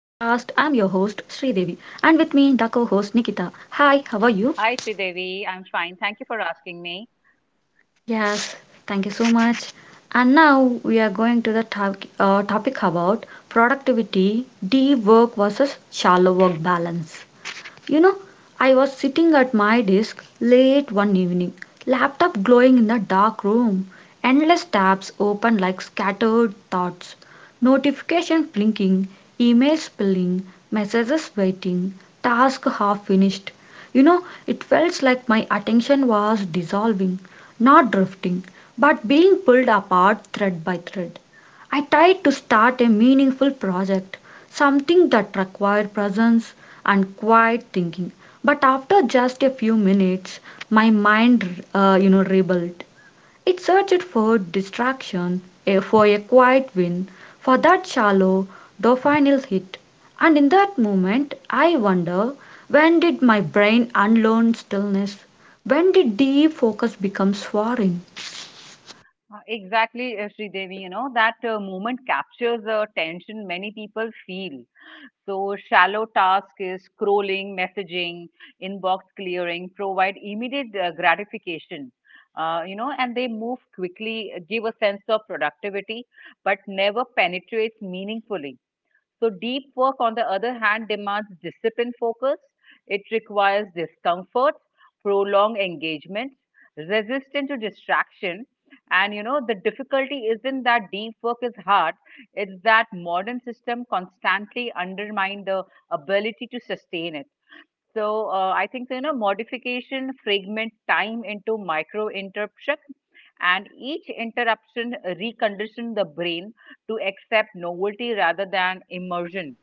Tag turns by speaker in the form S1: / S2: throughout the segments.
S1: and with me the co-host Nikita. Hi, how are you?
S2: Hi, Sridevi. I'm fine. Thank you for asking me.
S1: Yes, thank you so much. And now we are going to the topic about productivity, deep work versus shallow work balance. You know, I was sitting at my desk late one evening, laptop glowing in the dark room, endless tabs open like scattered thoughts, notifications blinking, emails spilling, messages waiting, task half finished. It felt like my attention was dissolving, not drifting, but being pulled apart thread by thread. I tried to start a meaningful project, something that required presence and quiet thinking. But after just a few minutes, my mind rebelled. It searched for distraction, for a quiet win, for that shallow dopamine hit. And in that moment, I wonder, when did my brain unlearn stillness? When did deep focus become foreign?
S2: Exactly, Sridevi. You know, that moment captures the tension many people feel. So, shallow task is scrolling, messaging, inbox clearing, provide immediate gratification. You know, and they move quickly, give a sense of productivity, but never penetrates meaningfully. So, deep work, on the other hand, demands disciplined focus. It requires discomfort, prolonged engagement, resistance to distraction. And you know, the difficulty isn't that deep work is hard, it's that modern system constantly undermine the ability to sustain it. So I think so, you know modification fragment time into micro interruption, and each interruption recondition the brain to accept novelty rather than immersion.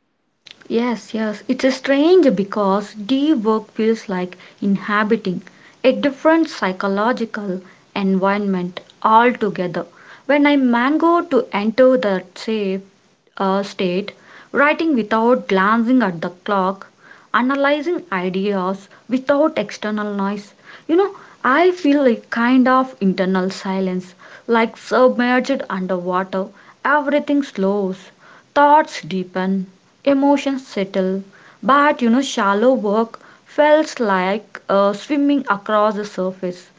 S1: Yes, yes, it's a strange because deep work feels like inhabiting a different psychological environment altogether. When I mango to enter that safe state, writing without glancing at the clock, analyzing ideas without external noise, you know, I feel a kind of internal silence, like submerged underwater. Everything slows, thoughts deepen, emotions settle. But you know, shallow work felt like swimming across the surface,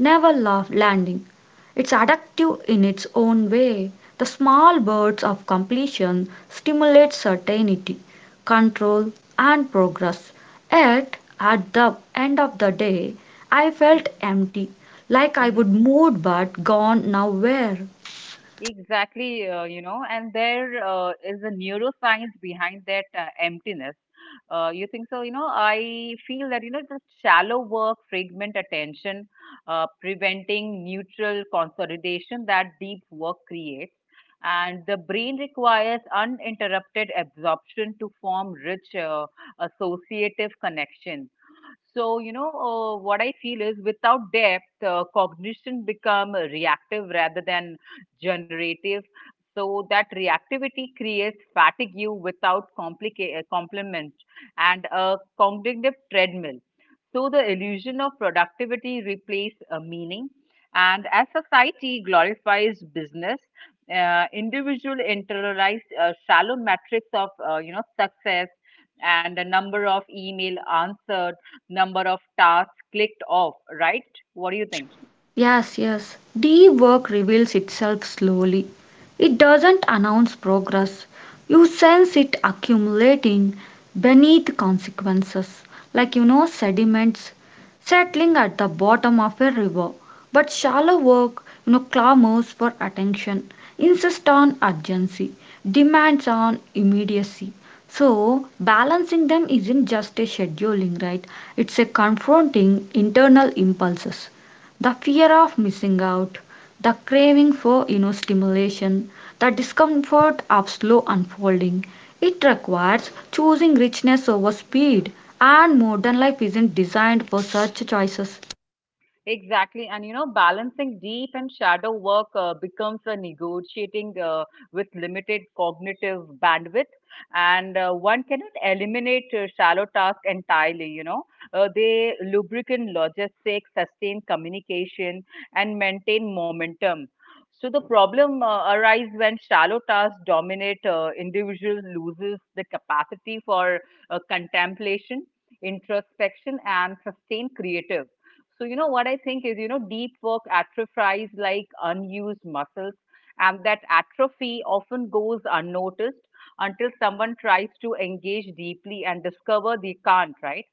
S1: never landing. It's addictive in its own way. The small birds of completion stimulate certainty, control, and progress. Yet, at the end of the day, I felt empty, like I would
S2: Mhm.
S1: moved but gone nowhere.
S2: Exactly, you know, and there is a neuroscience behind that emptiness. You think so? You know, I feel that, you know, the shallow work, fragment attention, preventing neutral consolidation that deep work creates. And the brain requires uninterrupted absorption to form rich associative connections so, you know, what I feel is without depth, cognition become reactive rather than generative. So that reactivity creates fatigue without complicate complement and a cognitive treadmill. So the illusion of productivity replace meaning. And as society glorifies business, individual internalize shallow metrics of you know success and the number of email answered number of tasks clicked off, right? What do you think?
S1: Yes, yes. D work reveals itself slowly. It doesn't announce progress. You sense it accumulating beneath consequences, like sediments settling at the bottom of a river. But shallow work, you know, clamors for attention, insists on urgency, demands on immediacy. So, balancing them isn't just a scheduling, right? It's a confronting internal impulses, the fear of missing out, the craving for stimulation, the discomfort of slow unfolding. It requires choosing richness over speed, and modern life isn't designed for such choices.
S2: Exactly, and you know, balancing deep and shadow work becomes a negotiating with limited cognitive bandwidth, and one cannot eliminate shallow tasks entirely. You know, they lubricant logistics, sustain communication, and maintain momentum. So the problem arises when shallow tasks dominate. Individual loses the capacity for contemplation, introspection, and sustained creative. So, you know, what I think is, you know, deep work atrophies like unused muscles, and that atrophy often goes unnoticed until someone tries to engage deeply and discover they can't, right?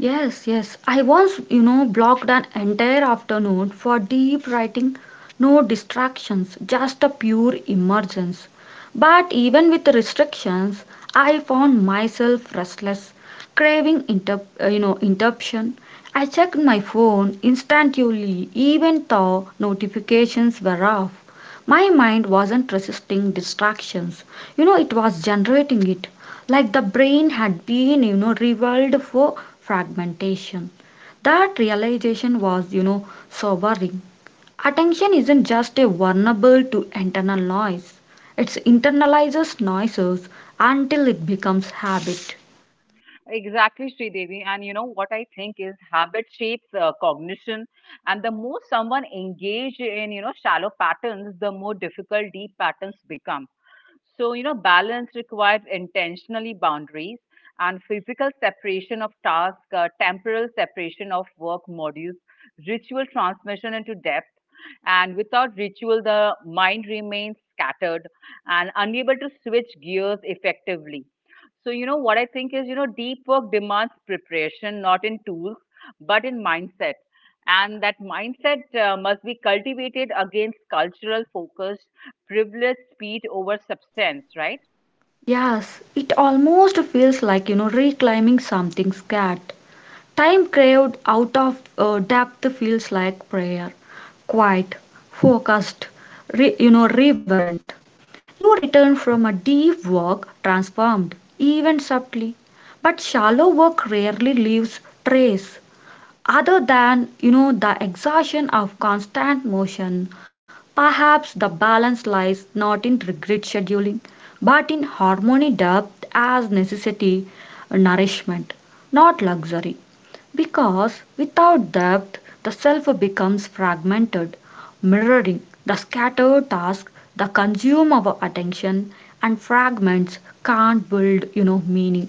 S1: Yes, yes. I once, you know, blocked an entire afternoon for deep writing, no distractions, just a pure emergence. But even with the restrictions, I found myself restless, craving interruption. I checked my phone instantly, even though notifications were off. My mind wasn't resisting distractions. You know, it was generating it, like the brain had been revolved for fragmentation. That realization was sobering. Attention isn't just a vulnerable to internal noise, it internalizes noises until it becomes habit.
S2: Exactly, Sridevi. And, you know, what I think is habit shapes cognition, and the more someone engage in, you know, shallow patterns, the more difficult deep patterns become. So, you know, balance requires intentionally boundaries and physical separation of task, temporal separation of work modules, ritual transmission into depth. And without ritual, the mind remains scattered and unable to switch gears effectively. So, you know, what I think is, you know, deep work demands preparation, not in tools, but in mindset. And that mindset must be cultivated against cultural focus privilege speed over substance, right?
S1: Yes, it almost feels like reclaiming something scared. Time craved out of depth feels like prayer, quiet, focused, reverent. You return from a deep work transformed, even subtly. But shallow work rarely leaves trace other than the exhaustion of constant motion. Perhaps the balance lies not in regret scheduling, but in harmony depth as necessity, nourishment, not luxury, because without depth the self becomes fragmented, mirroring the scattered task that consume our attention, and fragments can't build meaning.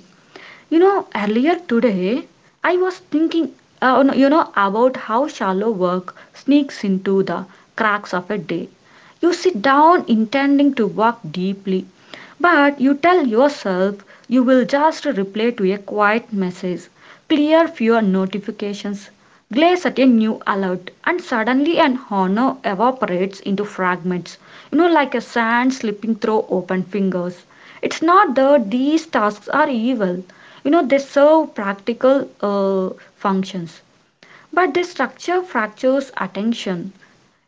S1: Earlier today, I was thinking, no, you know, about how shallow work sneaks into the cracks of a day. You sit down intending to work deeply, but you tell yourself you will just reply to a quiet message, clear fewer notifications, glaze at a new alert, and suddenly an honor evaporates into fragments, you know, like a sand slipping through open fingers. It's not that these tasks are evil. You know, they serve practical functions, but their structure fractures attention.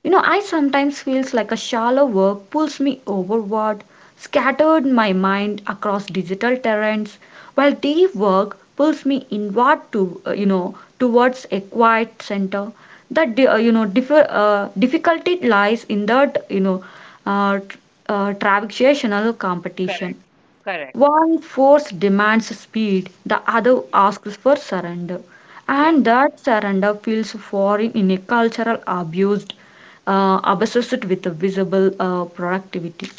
S1: You know, I sometimes feels like a shallow work pulls me overward, scattered my mind across digital terrains, while deep work pulls me inward to towards a quiet center. That difficulty lies in that uh, tr- transactional competition.
S2: Correct, correct.
S1: One force demands speed, the other asks for surrender,
S2: Yes,
S1: and that surrender feels foreign in a cultural abused, obsessed with a visible productivity.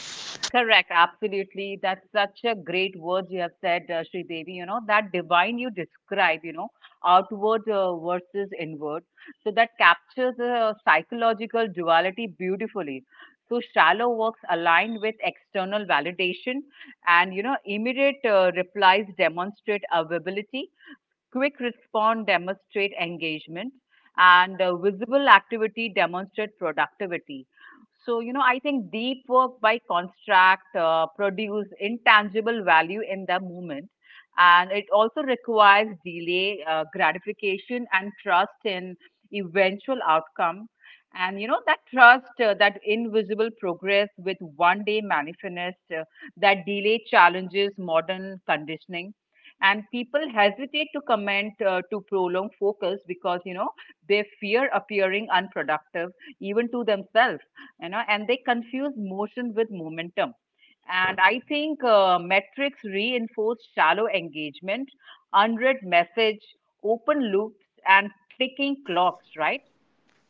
S2: correct. Absolutely. That's such a great word you have said, Sri Devi. You know, that divine you describe, you know, outward versus inward. So that captures the psychological duality beautifully. So shallow works aligned with external validation and, you know, immediate replies demonstrate availability Quick response demonstrate engagement, and visible activity demonstrate productivity. So, you know, I think deep work by contract produce intangible value in the moment, and it also requires delay, gratification, and trust in eventual outcome. And you know that trust, that invisible progress with one day manifest, that delay challenges modern conditioning and people hesitate to comment to prolong focus because you know they fear appearing unproductive even to themselves, you know, and they confuse motion with momentum. And I think metrics reinforce shallow engagement, unread message, open loops and ticking clocks, right?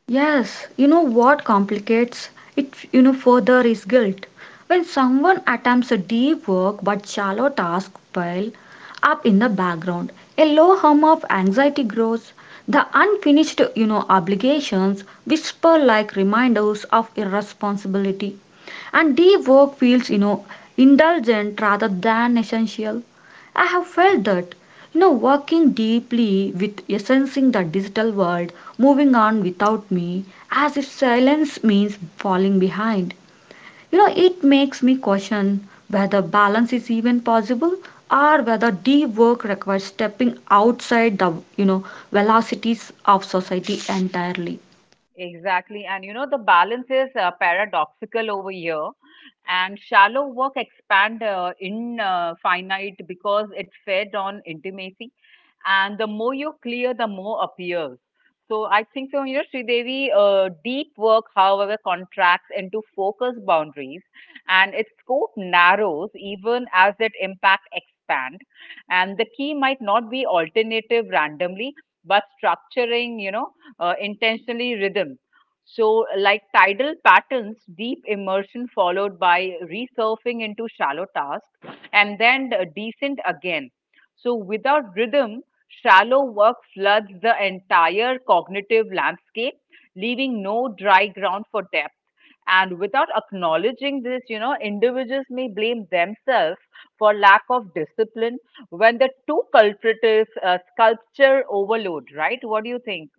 S1: Yes, you know what complicates it, you know, further is guilt. When someone attempts a deep work but shallow task pile up in the background, a low hum of anxiety grows. The unfinished, you know, obligations whisper like reminders of irresponsibility. And deep work feels, you know, indulgent rather than essential. I have felt that, you know, working deeply with sensing the digital world, moving on without me, as if silence means falling behind. You know, it makes me question whether balance is even possible, or whether deep work requires stepping outside the velocities of society entirely.
S2: Exactly. And you know, the balance is paradoxical over here. And shallow work expand in finite because it fed on intimacy. And the more you clear, the more appears. So I think so, you know, Sridevi, deep work, however, contracts into focus boundaries and its scope narrows even as its impact expand. And the key might not be alternative randomly, but structuring, you know, intentionally rhythm. So, like tidal patterns, deep immersion followed by resurfing into shallow tasks and then the descent again. So, without rhythm, shallow work floods the entire cognitive landscape, leaving no dry ground for depth. And without acknowledging this, you know, individuals may blame themselves for lack of discipline when the two culprit is sculpture overload, right? What do you think?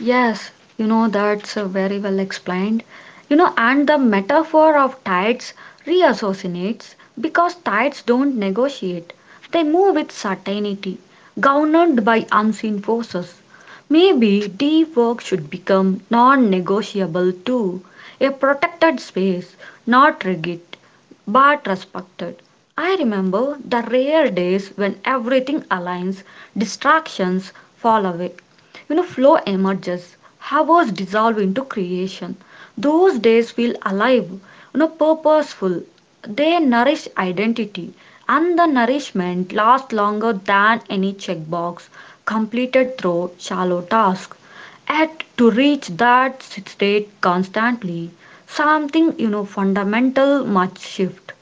S1: Yes, you know, that's very well explained. You know, and the metaphor of tides reassociates because tides don't negotiate, they move with certainty, governed by unseen forces. Maybe deep work should become non negotiable too, a protected space, not rigid but respected. I remember the rare days when everything aligns, distractions fall away, you know, flow emerges, hours dissolve into creation. Those days feel alive, you know, purposeful. They nourish identity, and the nourishment lasts longer than any checkbox completed through shallow tasks. Yet, to reach that state constantly, something, you know, fundamental must shift,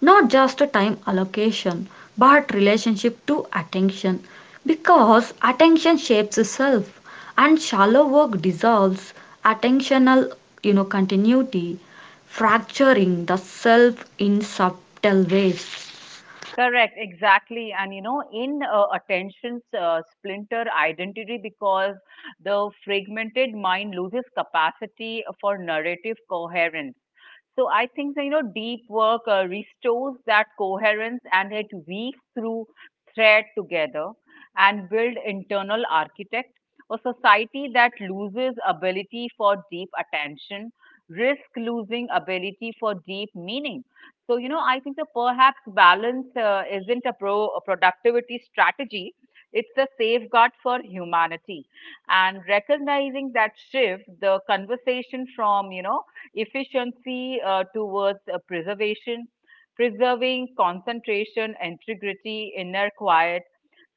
S1: not just a time allocation but relationship to attention, because attention shapes itself and shallow work dissolves attentional, continuity, fracturing the self in subtle ways.
S2: Correct, exactly. And you know, in attention splinter identity, because the fragmented mind loses capacity for narrative coherence. So I think that, you know, deep work restores that coherence and it weaves through thread together and build internal architect. A society that loses ability for deep attention risk losing ability for deep meaning. So, you know, I think that perhaps balance isn't a productivity strategy. It's a safeguard for humanity. And recognizing that shift, the conversation from, you know, efficiency towards preservation, preserving concentration, integrity, inner quiet.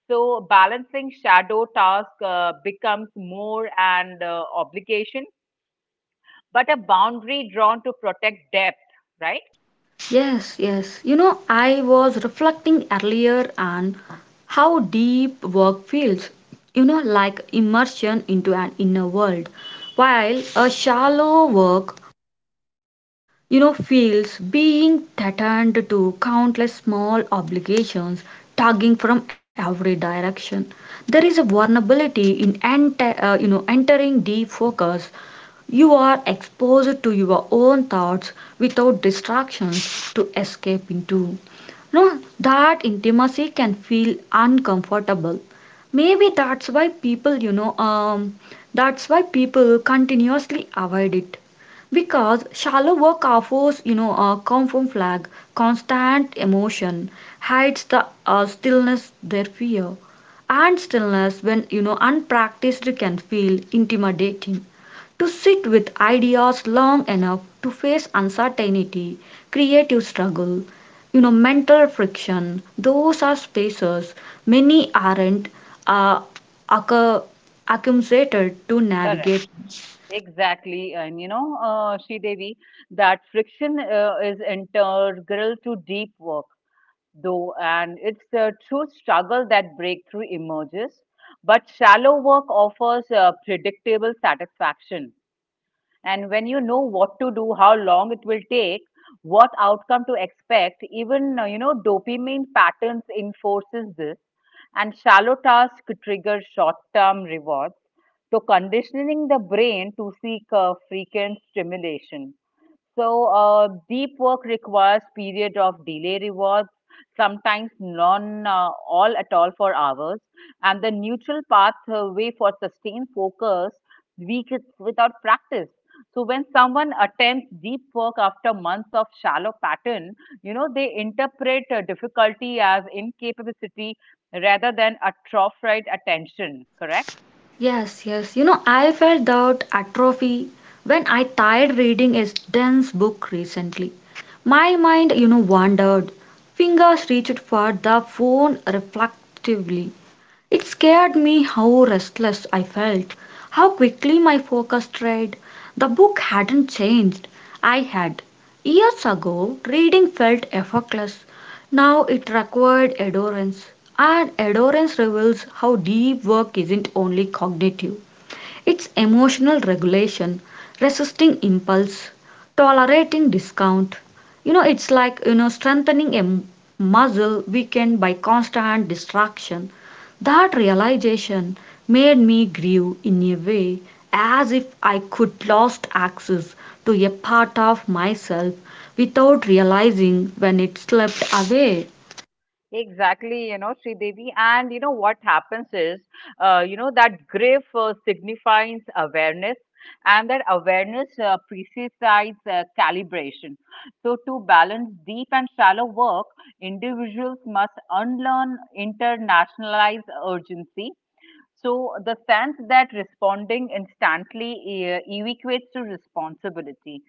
S2: So balancing shadow task becomes more an obligation, but a boundary drawn to protect depth, right?
S1: Yes, yes. You know, I was reflecting earlier on how deep work feels, you know, like immersion into an inner world, while a shallow work, you know, feels being threatened to countless small obligations tugging from every direction. There is a vulnerability in entering deep focus. You are exposed to your own thoughts without distractions to escape into. No, that intimacy can feel uncomfortable. Maybe that's why people continuously avoid it. Because shallow work offers, you know, a comfort flag, constant emotion, hides the stillness, their fear. And stillness, when, you know, unpracticed, can feel intimidating, to sit with ideas long enough to face uncertainty, creative struggle, you know, mental friction. Those are spaces many aren't uh, accu- accumulated to navigate.
S2: Exactly, and you know, Sri Devi, that friction is integral to deep work, though, and it's the true struggle that breakthrough emerges. But shallow work offers predictable satisfaction, and when you know what to do, how long it will take, what outcome to expect, even you know, dopamine patterns enforces this and shallow tasks trigger short term rewards, so conditioning the brain to seek a frequent stimulation. So, deep work requires period of delay rewards, sometimes none, all at all for hours, and the neutral pathway for sustained focus weak is without practice. So, when someone attempts deep work after months of shallow pattern, you know they interpret difficulty as incapability rather than atrophied attention. Correct?
S1: Yes, yes. You know, I felt that atrophy when I tried reading a dense book recently. My mind, you know, wandered. Fingers reached for the phone reflectively. It scared me how restless I felt, how quickly my focus strayed. The book hadn't changed. I had. Years ago, reading felt effortless. Now it required adherence. And adherence reveals how deep work isn't only cognitive. It's emotional regulation, resisting impulse, tolerating discount. You know, it's like, you know, strengthening a muscle weakened by constant distraction. That realization made me grieve in a way, as if I could lost access to a part of myself without realizing when it slipped away.
S2: Exactly, you know, Sridevi. And you know what happens is, you know, that grief signifies awareness, and that awareness precises calibration. So, to balance deep and shallow work, individuals must unlearn internationalized urgency so the sense that responding instantly equates to responsibility,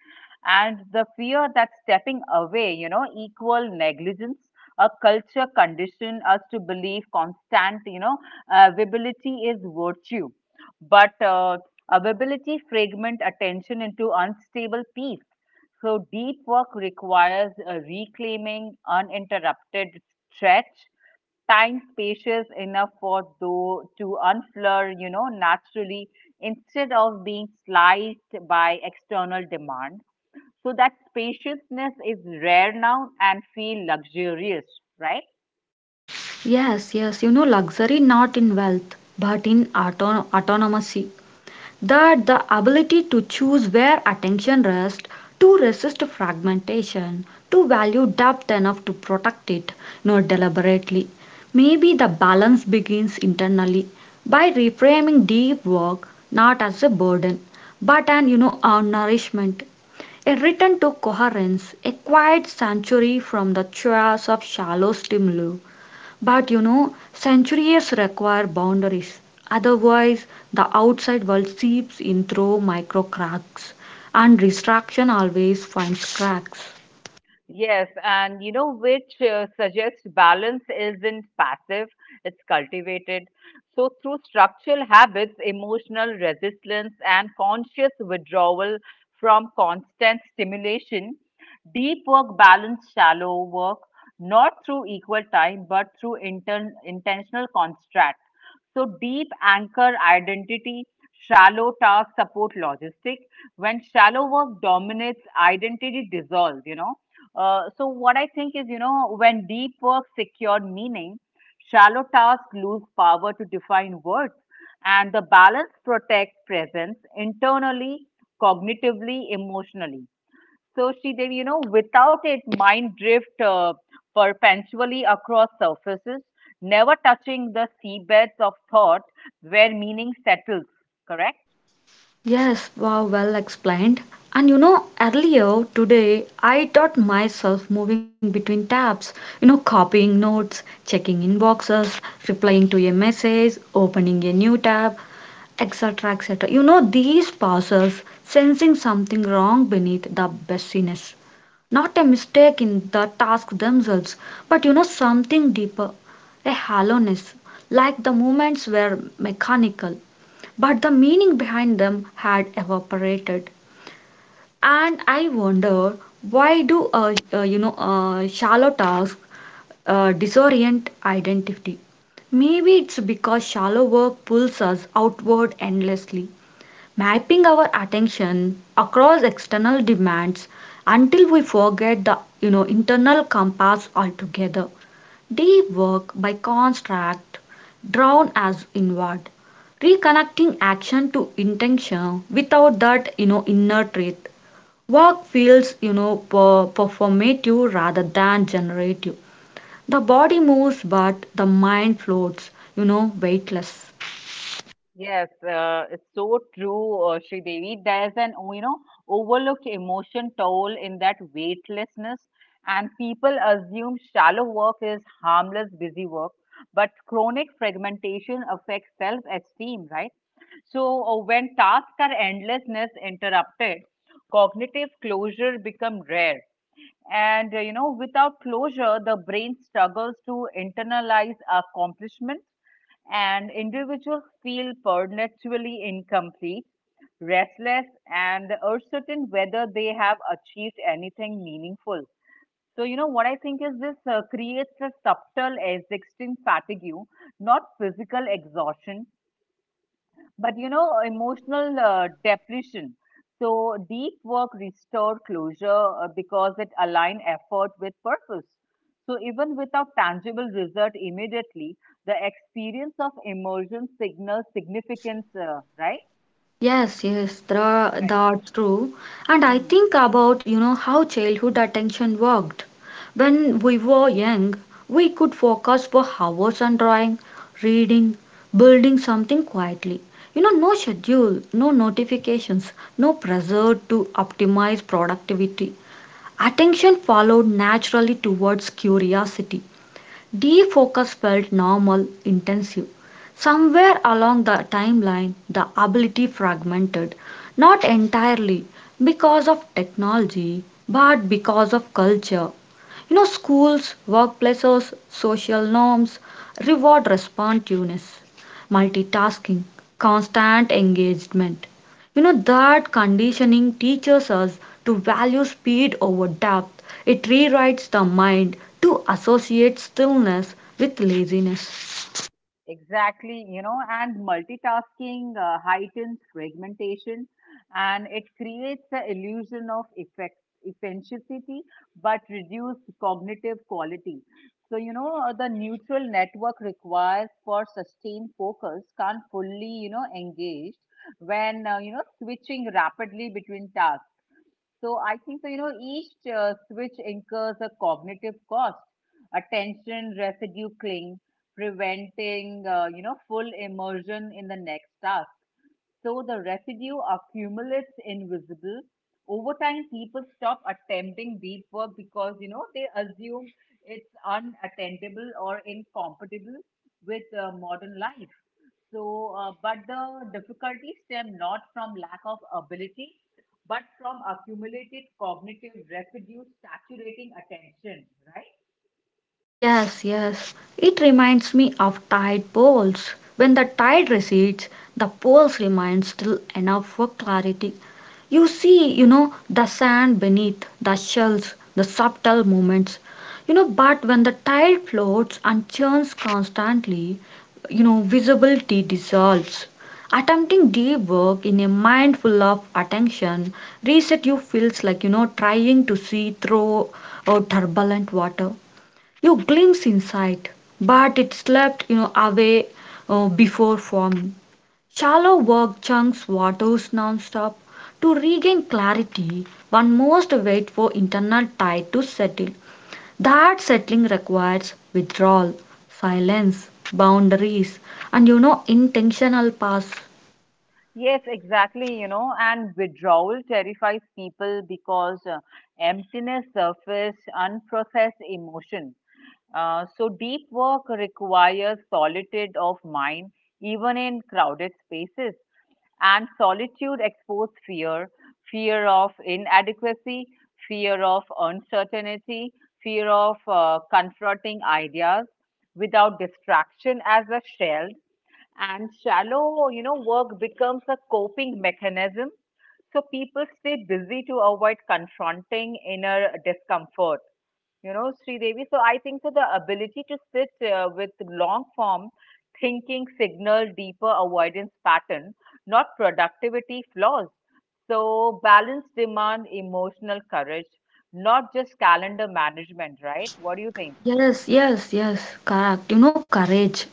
S2: and the fear that stepping away, you know, equal negligence. A culture condition us to believe constant, you know, availability is virtue, but availability fragment attention into unstable peace. So deep work requires a reclaiming, uninterrupted stretch, time spacious enough for though to unflare, you know, naturally instead of being sliced by external demand. So that spaciousness is rare now and feel luxurious, right?
S1: Yes, yes, you know, luxury not in wealth but in autonomy. That the ability to choose where attention rests, to resist fragmentation, to value depth enough to protect it, not deliberately. Maybe the balance begins internally by reframing deep work not as a burden, but an you know a nourishment, a return to coherence, a quiet sanctuary from the chaos of shallow stimuli. But you know, centuries require boundaries. Otherwise, the outside world seeps in through micro cracks, and distraction always finds cracks.
S2: Yes, and you know which suggests balance isn't passive, it's cultivated. So, through structural habits, emotional resistance, and conscious withdrawal from constant stimulation, deep work balance shallow work, not through equal time, but through intern intentional construct. So, deep anchor identity, shallow task support logistic. When shallow work dominates, identity dissolves, you know. So what I think is, you know, when deep work secure meaning, shallow tasks lose power to define words, and the balance protects presence internally, cognitively, emotionally. So she Devi, you know, without it, mind drift perpetually across surfaces, never touching the seabeds of thought where meaning settles. Correct?
S1: Yes, wow, well explained. And you know, earlier today, I taught myself moving between tabs, you know, copying notes, checking inboxes, replying to a message, opening a new tab, etc. etc. You know, these pauses, sensing something wrong beneath the busyness. Not a mistake in the task themselves, but you know something deeper, a hollowness, like the movements were mechanical, but the meaning behind them had evaporated. And I wonder, why do shallow tasks disorient identity? Maybe it's because shallow work pulls us outward endlessly, mapping our attention across external demands until we forget the, you know, internal compass altogether. Deep work by contrast drawn us inward, reconnecting action to intention without that, you know, inner truth. Work feels, you know, performative rather than generative. The body moves but the mind floats, you know, weightless.
S2: Yes, it's so true, Devi. There's an you know overlooked emotion toll in that weightlessness, and people assume shallow work is harmless, busy work, but chronic fragmentation affects self-esteem, right? So when tasks are endlessness interrupted, cognitive closure become rare. And you know, without closure, the brain struggles to internalize accomplishments and individuals feel perpetually incomplete, restless, and uncertain whether they have achieved anything meaningful. So, you know, what I think is this creates a subtle existing fatigue, not physical exhaustion, but you know, emotional depression. So deep work restored closure because it aligned effort with purpose. So even without tangible result immediately, the experience of immersion signals significance, right?
S1: Yes, yes,
S2: Correct.
S1: that's true. And I
S2: Mhm.
S1: think about, you know, how childhood attention worked. When we were young, we could focus for hours on drawing, reading, building something quietly. You know, no schedule, no notifications, no pressure to optimize productivity. Attention followed naturally towards curiosity, defocus felt normal, intensive. Somewhere along the timeline, the ability fragmented, not entirely because of technology, but because of culture, you know, schools, workplaces, social norms reward responsiveness, multitasking, constant engagement. You know, that conditioning teaches us to value speed over depth. It rewrites the mind to associate stillness with laziness.
S2: Exactly, you know, and multitasking heightens fragmentation and it creates the illusion of effect, efficiency but reduced cognitive quality. So, you know, the neutral network requires for sustained focus can't fully, you know, engaged when, you know, switching rapidly between tasks. So I think so, you know, each switch incurs a cognitive cost, attention, residue cling, preventing, you know, full immersion in the next task. So the residue accumulates invisible. Over time, people stop attempting deep work because, you know, they assume it's unattendable or incompatible with modern life. So, but the difficulties stem not from lack of ability, but from accumulated cognitive residue saturating attention, right?
S1: Yes, yes. It reminds me of tide pools. When the tide recedes, the pools remain still enough for clarity. You see, you know, the sand beneath, the shells, the subtle movements. But when the tide floats and churns constantly, visibility dissolves. Attempting deep work in a mind full of attention, reset you feels like, trying to see through or turbulent water. You glimpse insight, but it slipped away before forming. Shallow work chunks waters nonstop. To regain clarity, one must wait for internal tide to settle. That settling requires withdrawal, silence, boundaries, and intentional pause.
S2: Yes, exactly, you know, and withdrawal terrifies people because emptiness surfaces unprocessed emotion. So deep work requires solitude of mind, even in crowded spaces. And solitude exposes fear, fear of inadequacy, fear of uncertainty, fear of confronting ideas without distraction as a shell, and shallow work becomes a coping mechanism. So people stay busy to avoid confronting inner discomfort, Sri Devi. So I think so the ability to sit with long form thinking signal deeper avoidance pattern, not productivity flaws. So balance demand emotional courage, not just calendar management, right? What do you think?
S1: Yes, yes, yes, correct. Courage.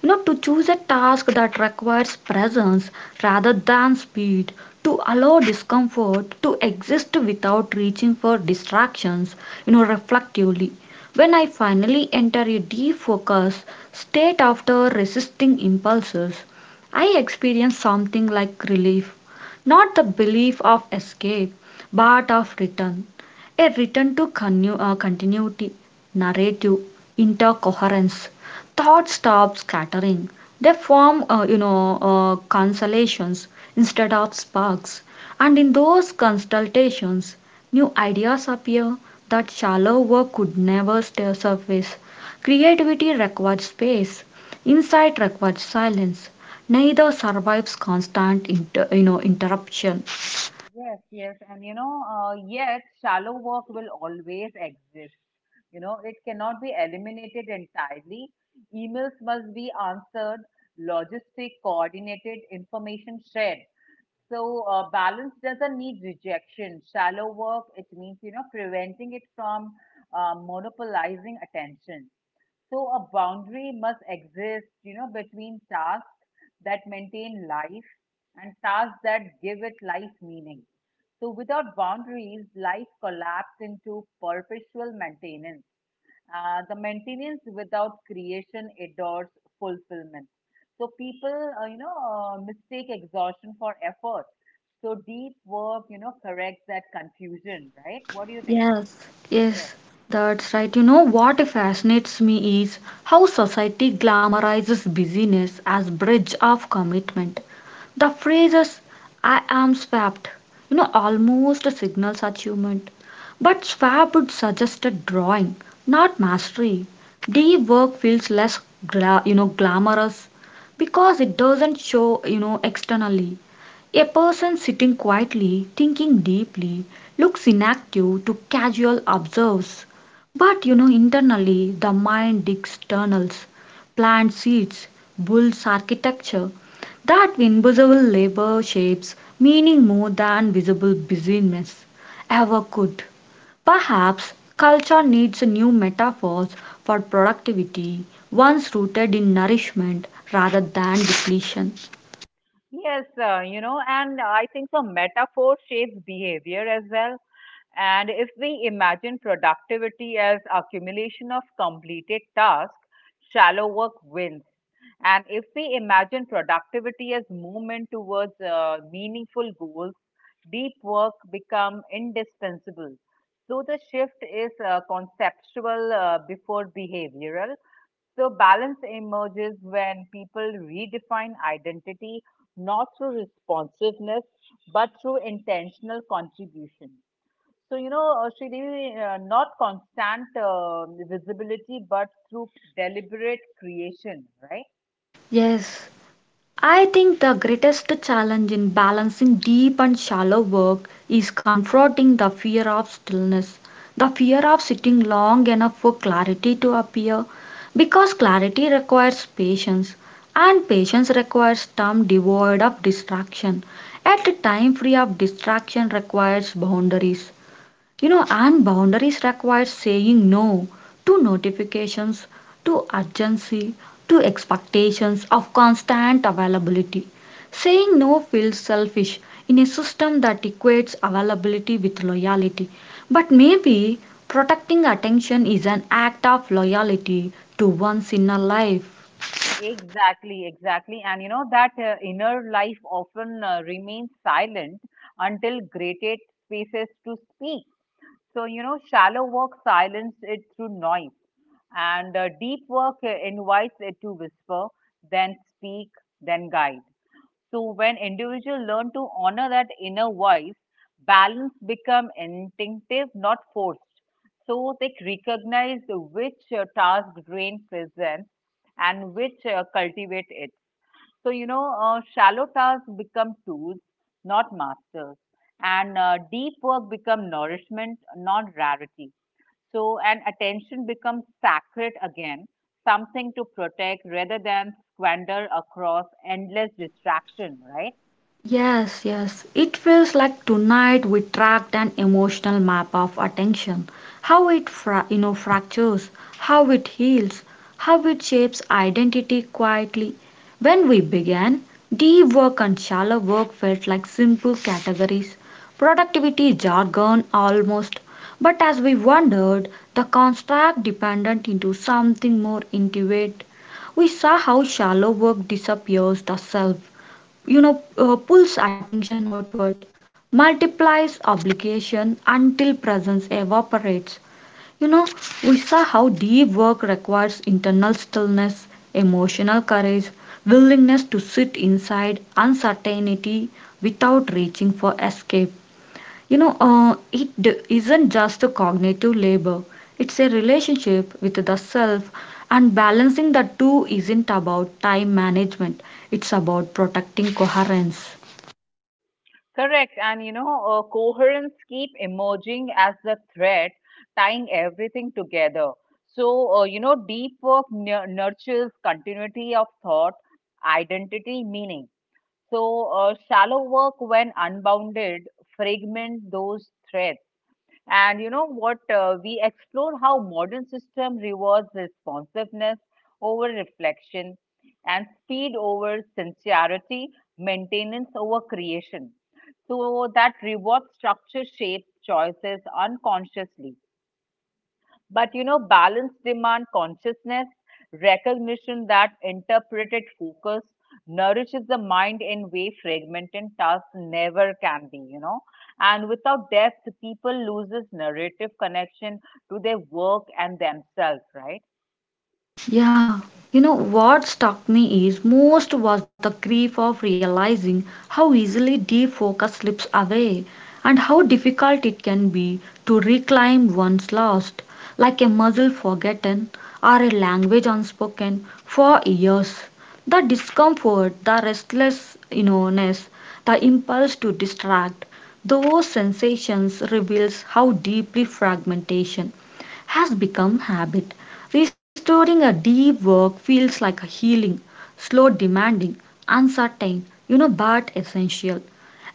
S1: To choose a task that requires presence rather than speed, to allow discomfort to exist without reaching for distractions, reflectively. When I finally enter a defocus state after resisting impulses, I experience something like relief, not the belief of escape, but of return, a return to continuity, narrative, intercoherence. Thoughts stop scattering. They form constellations instead of sparks. And in those consultations, new ideas appear that shallow work could never stay surface. Creativity requires space. Insight requires silence. Neither survives constant, interruption.
S2: Yes, yes, and yet shallow work will always exist. You know, it cannot be eliminated entirely. Emails must be answered, logistic coordinated, information shared. So balance doesn't need rejection. Shallow work, it means, you know, preventing it from monopolizing attention. So a boundary must exist, you know, between tasks that maintain life and tasks that give it life meaning. So without boundaries, life collapses into perpetual maintenance. The maintenance without creation adores fulfillment. So people, mistake exhaustion for effort. So deep work, you know, corrects that confusion, right? What do you think?
S1: Yes,
S2: Yes.
S1: yes, that's right. You know what fascinates me is how society glamorizes busyness as bridge of commitment. The phrases I am swapped, almost signals achievement. But swap would suggest a drawing, not mastery. The work feels less glamorous because it doesn't show, externally. A person sitting quietly, thinking deeply, looks inactive to casual observers. But internally, the mind digs tunnels, plants seeds, builds architecture. That invisible labor shapes meaning more than visible busyness ever could. Perhaps culture needs new metaphors for productivity, ones rooted in nourishment rather than depletion.
S2: Yes, you know, and I think the metaphor shapes behavior as well. And if we imagine productivity as accumulation of completed tasks, shallow work wins. And if we imagine productivity as movement towards meaningful goals, deep work become indispensable. So the shift is conceptual before behavioral. So balance emerges when people redefine identity, not through responsiveness but through intentional contribution. So, Sridevi, not constant visibility but through deliberate creation, right?
S1: Yes, I think the greatest challenge in balancing deep and shallow work is confronting the fear of stillness, the fear of sitting long enough for clarity to appear, because clarity requires patience, and patience requires time devoid of distraction. At a time free of distraction requires boundaries, and boundaries require saying no to notifications, to urgency, to expectations of constant availability. Saying no feels selfish in a system that equates availability with loyalty, but maybe protecting attention is an act of loyalty to one's inner life.
S2: Exactly, exactly. And you know, that inner life often remains silent until created spaces to speak. So, you know, shallow work silences it through noise, and deep work invites it to whisper, then speak, then guide. So, when individuals learn to honor that inner voice, balance become instinctive, not forced. So they recognize which task drain presence and which cultivate it. So, shallow tasks become tools, not masters. And deep work become nourishment, not rarity. So, and attention becomes sacred again, something to protect rather than squander across endless distraction, right?
S1: Yes, yes. It feels like tonight we tracked an emotional map of attention. How it fractures, how it heals, how it shapes identity quietly. When we began, deep work and shallow work felt like simple categories, productivity jargon almost. But as we wandered, the construct dependent into something more intimate. We saw how shallow work disappears the self, pulls attention outward, multiplies obligation until presence evaporates. You know, we saw how deep work requires internal stillness, emotional courage, willingness to sit inside uncertainty without reaching for escape. It isn't just a cognitive labor, it's a relationship with the self, and balancing the two isn't about time management, it's about protecting coherence.
S2: Correct. And coherence keep emerging as the thread tying everything together. So, deep work nurtures continuity of thought, identity, meaning. So, shallow work, when unbounded, fragment those threads. And you know what? We explore how modern system rewards responsiveness over reflection, and speed over sincerity, maintenance over creation. So that reward structure shapes choices unconsciously. But you know, balanced demand consciousness, recognition that interpreted focus nourishes the mind in way fragmented tasks never can be, you know. And without depth, people loses narrative connection to their work and themselves, right?
S1: Yeah, you know what struck me is most was the grief of realizing how easily deep focus slips away and how difficult it can be to reclaim one's lost, like a muscle forgotten or a language unspoken for years. The discomfort, the restless, ness, the impulse to distract, those sensations reveals how deeply fragmentation has become habit. Restoring a deep work feels like a healing, slow, demanding, uncertain, but essential.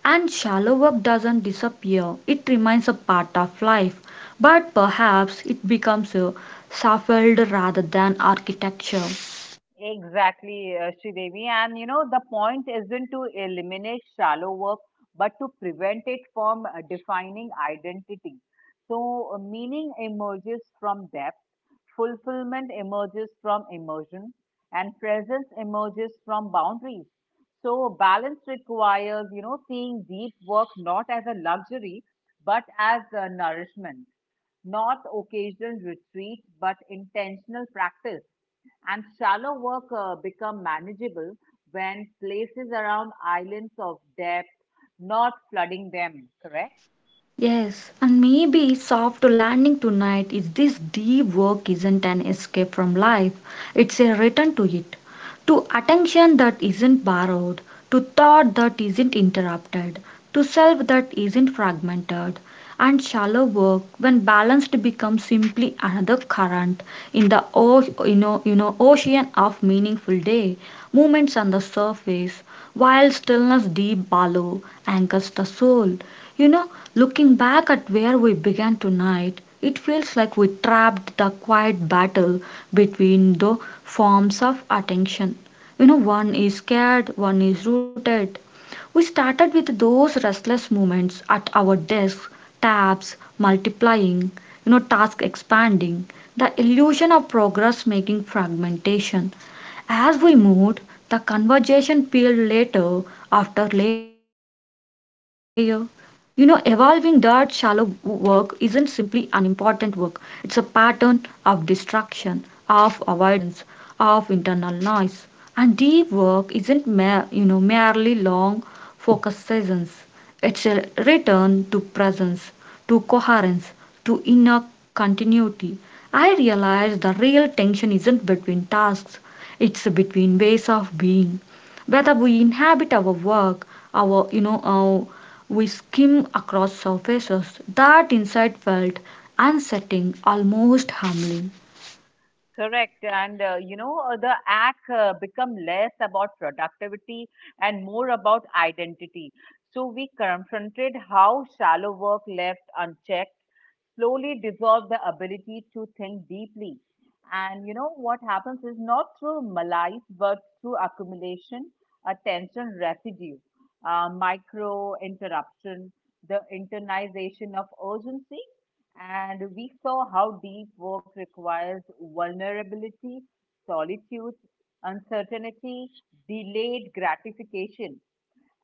S1: And shallow work doesn't disappear, it remains a part of life, but perhaps it becomes a scaffold rather than architecture.
S2: Exactly, Sridevi. And you know, the point isn't to eliminate shallow work, but to prevent it from defining identity. So, meaning emerges from depth, fulfillment emerges from immersion, and presence emerges from boundaries. So balance requires, you know, seeing deep work not as a luxury, but as a nourishment, not occasional retreat, but intentional practice. And shallow work become manageable when places around islands of depth, not flooding them, correct?
S1: Yes, and maybe soft landing tonight is this deep work isn't an escape from life, it's a return to it. To attention that isn't borrowed, to thought that isn't interrupted, to self that isn't fragmented, and shallow work when balanced becomes simply another current in the ocean of meaningful day. Movements on the surface, while stillness deep below anchors the soul. You know, Looking back at where we began tonight, it feels like we trapped the quiet battle between the forms of attention. One is scared, one is rooted. We started with those restless movements at our desks, tabs multiplying, task expanding, the illusion of progress making fragmentation. As we moved, the conversation peeled later after layer, evolving that shallow work isn't simply unimportant work, it's a pattern of distraction, of avoidance, of internal noise. And deep work isn't merely long focus sessions, it's a return to presence, to coherence, to inner continuity. I realize the real tension isn't between tasks, it's between ways of being, whether we inhabit our work, our you know our, we skim across surfaces. That insight felt unsettling, almost humbling.
S2: Correct. And the act become less about productivity and more about identity. So we confronted how shallow work left unchecked slowly dissolve the ability to think deeply. And you know what happens is not through malice, but through accumulation, attention residue, micro interruption, the internalization of urgency. And we saw how deep work requires vulnerability, solitude, uncertainty, delayed gratification,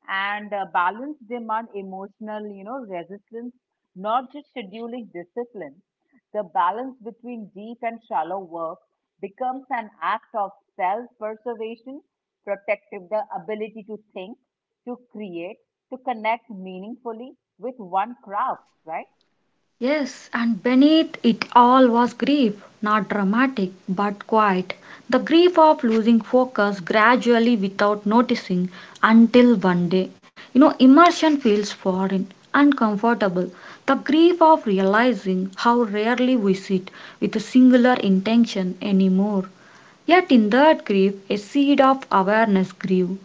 S2: and balance demand emotional, you know, resistance, not just scheduling discipline. The balance between deep and shallow work becomes an act of self preservation, protective the ability to think, to create, to connect meaningfully with one craft, right?
S1: Yes, and beneath it all was grief, not dramatic but quiet, the grief of losing focus gradually without noticing until one day, immersion feels foreign, uncomfortable, the grief of realizing how rarely we sit with a singular intention anymore. Yet in that grief a seed of awareness grew,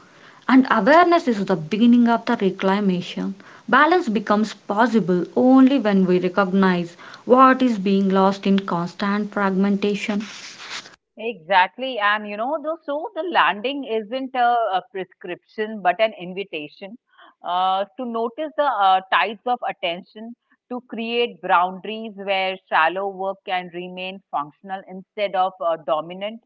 S1: and awareness is the beginning of the reclamation. Balance becomes possible only when we recognize what is being lost in constant fragmentation.
S2: Exactly. And you know, though, so the landing isn't a prescription, but an invitation to notice the tides of attention, to create boundaries where shallow work can remain functional instead of dominant,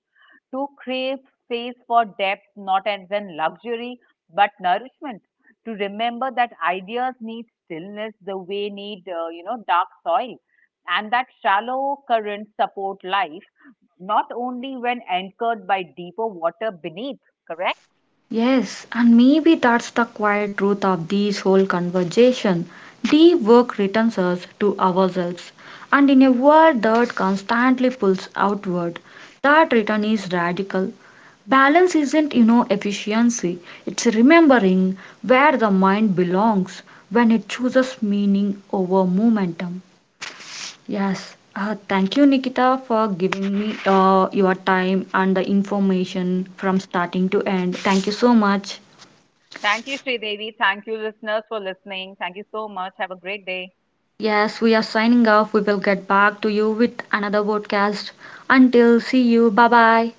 S2: to create space for depth, not as an luxury, but nourishment, to remember that ideas need stillness the way need, dark soil, and that shallow currents support life not only when anchored by deeper water beneath, correct?
S1: Yes, and maybe that's the quiet truth of this whole conversation. Deep work returns us to ourselves, and in a world that constantly pulls outward, that return is radical. Balance isn't, efficiency, it's remembering where the mind belongs when it chooses meaning over momentum. Yes, thank you, Nikita, for giving me your time and the information
S2: Mhm.
S1: from starting to end. Thank you so much.
S2: Thank you, Sridevi. Thank you, listeners, for listening. Thank you so much. Have a great day.
S1: Yes, we are signing off. We will get back to you with another podcast. Until see you. Bye bye.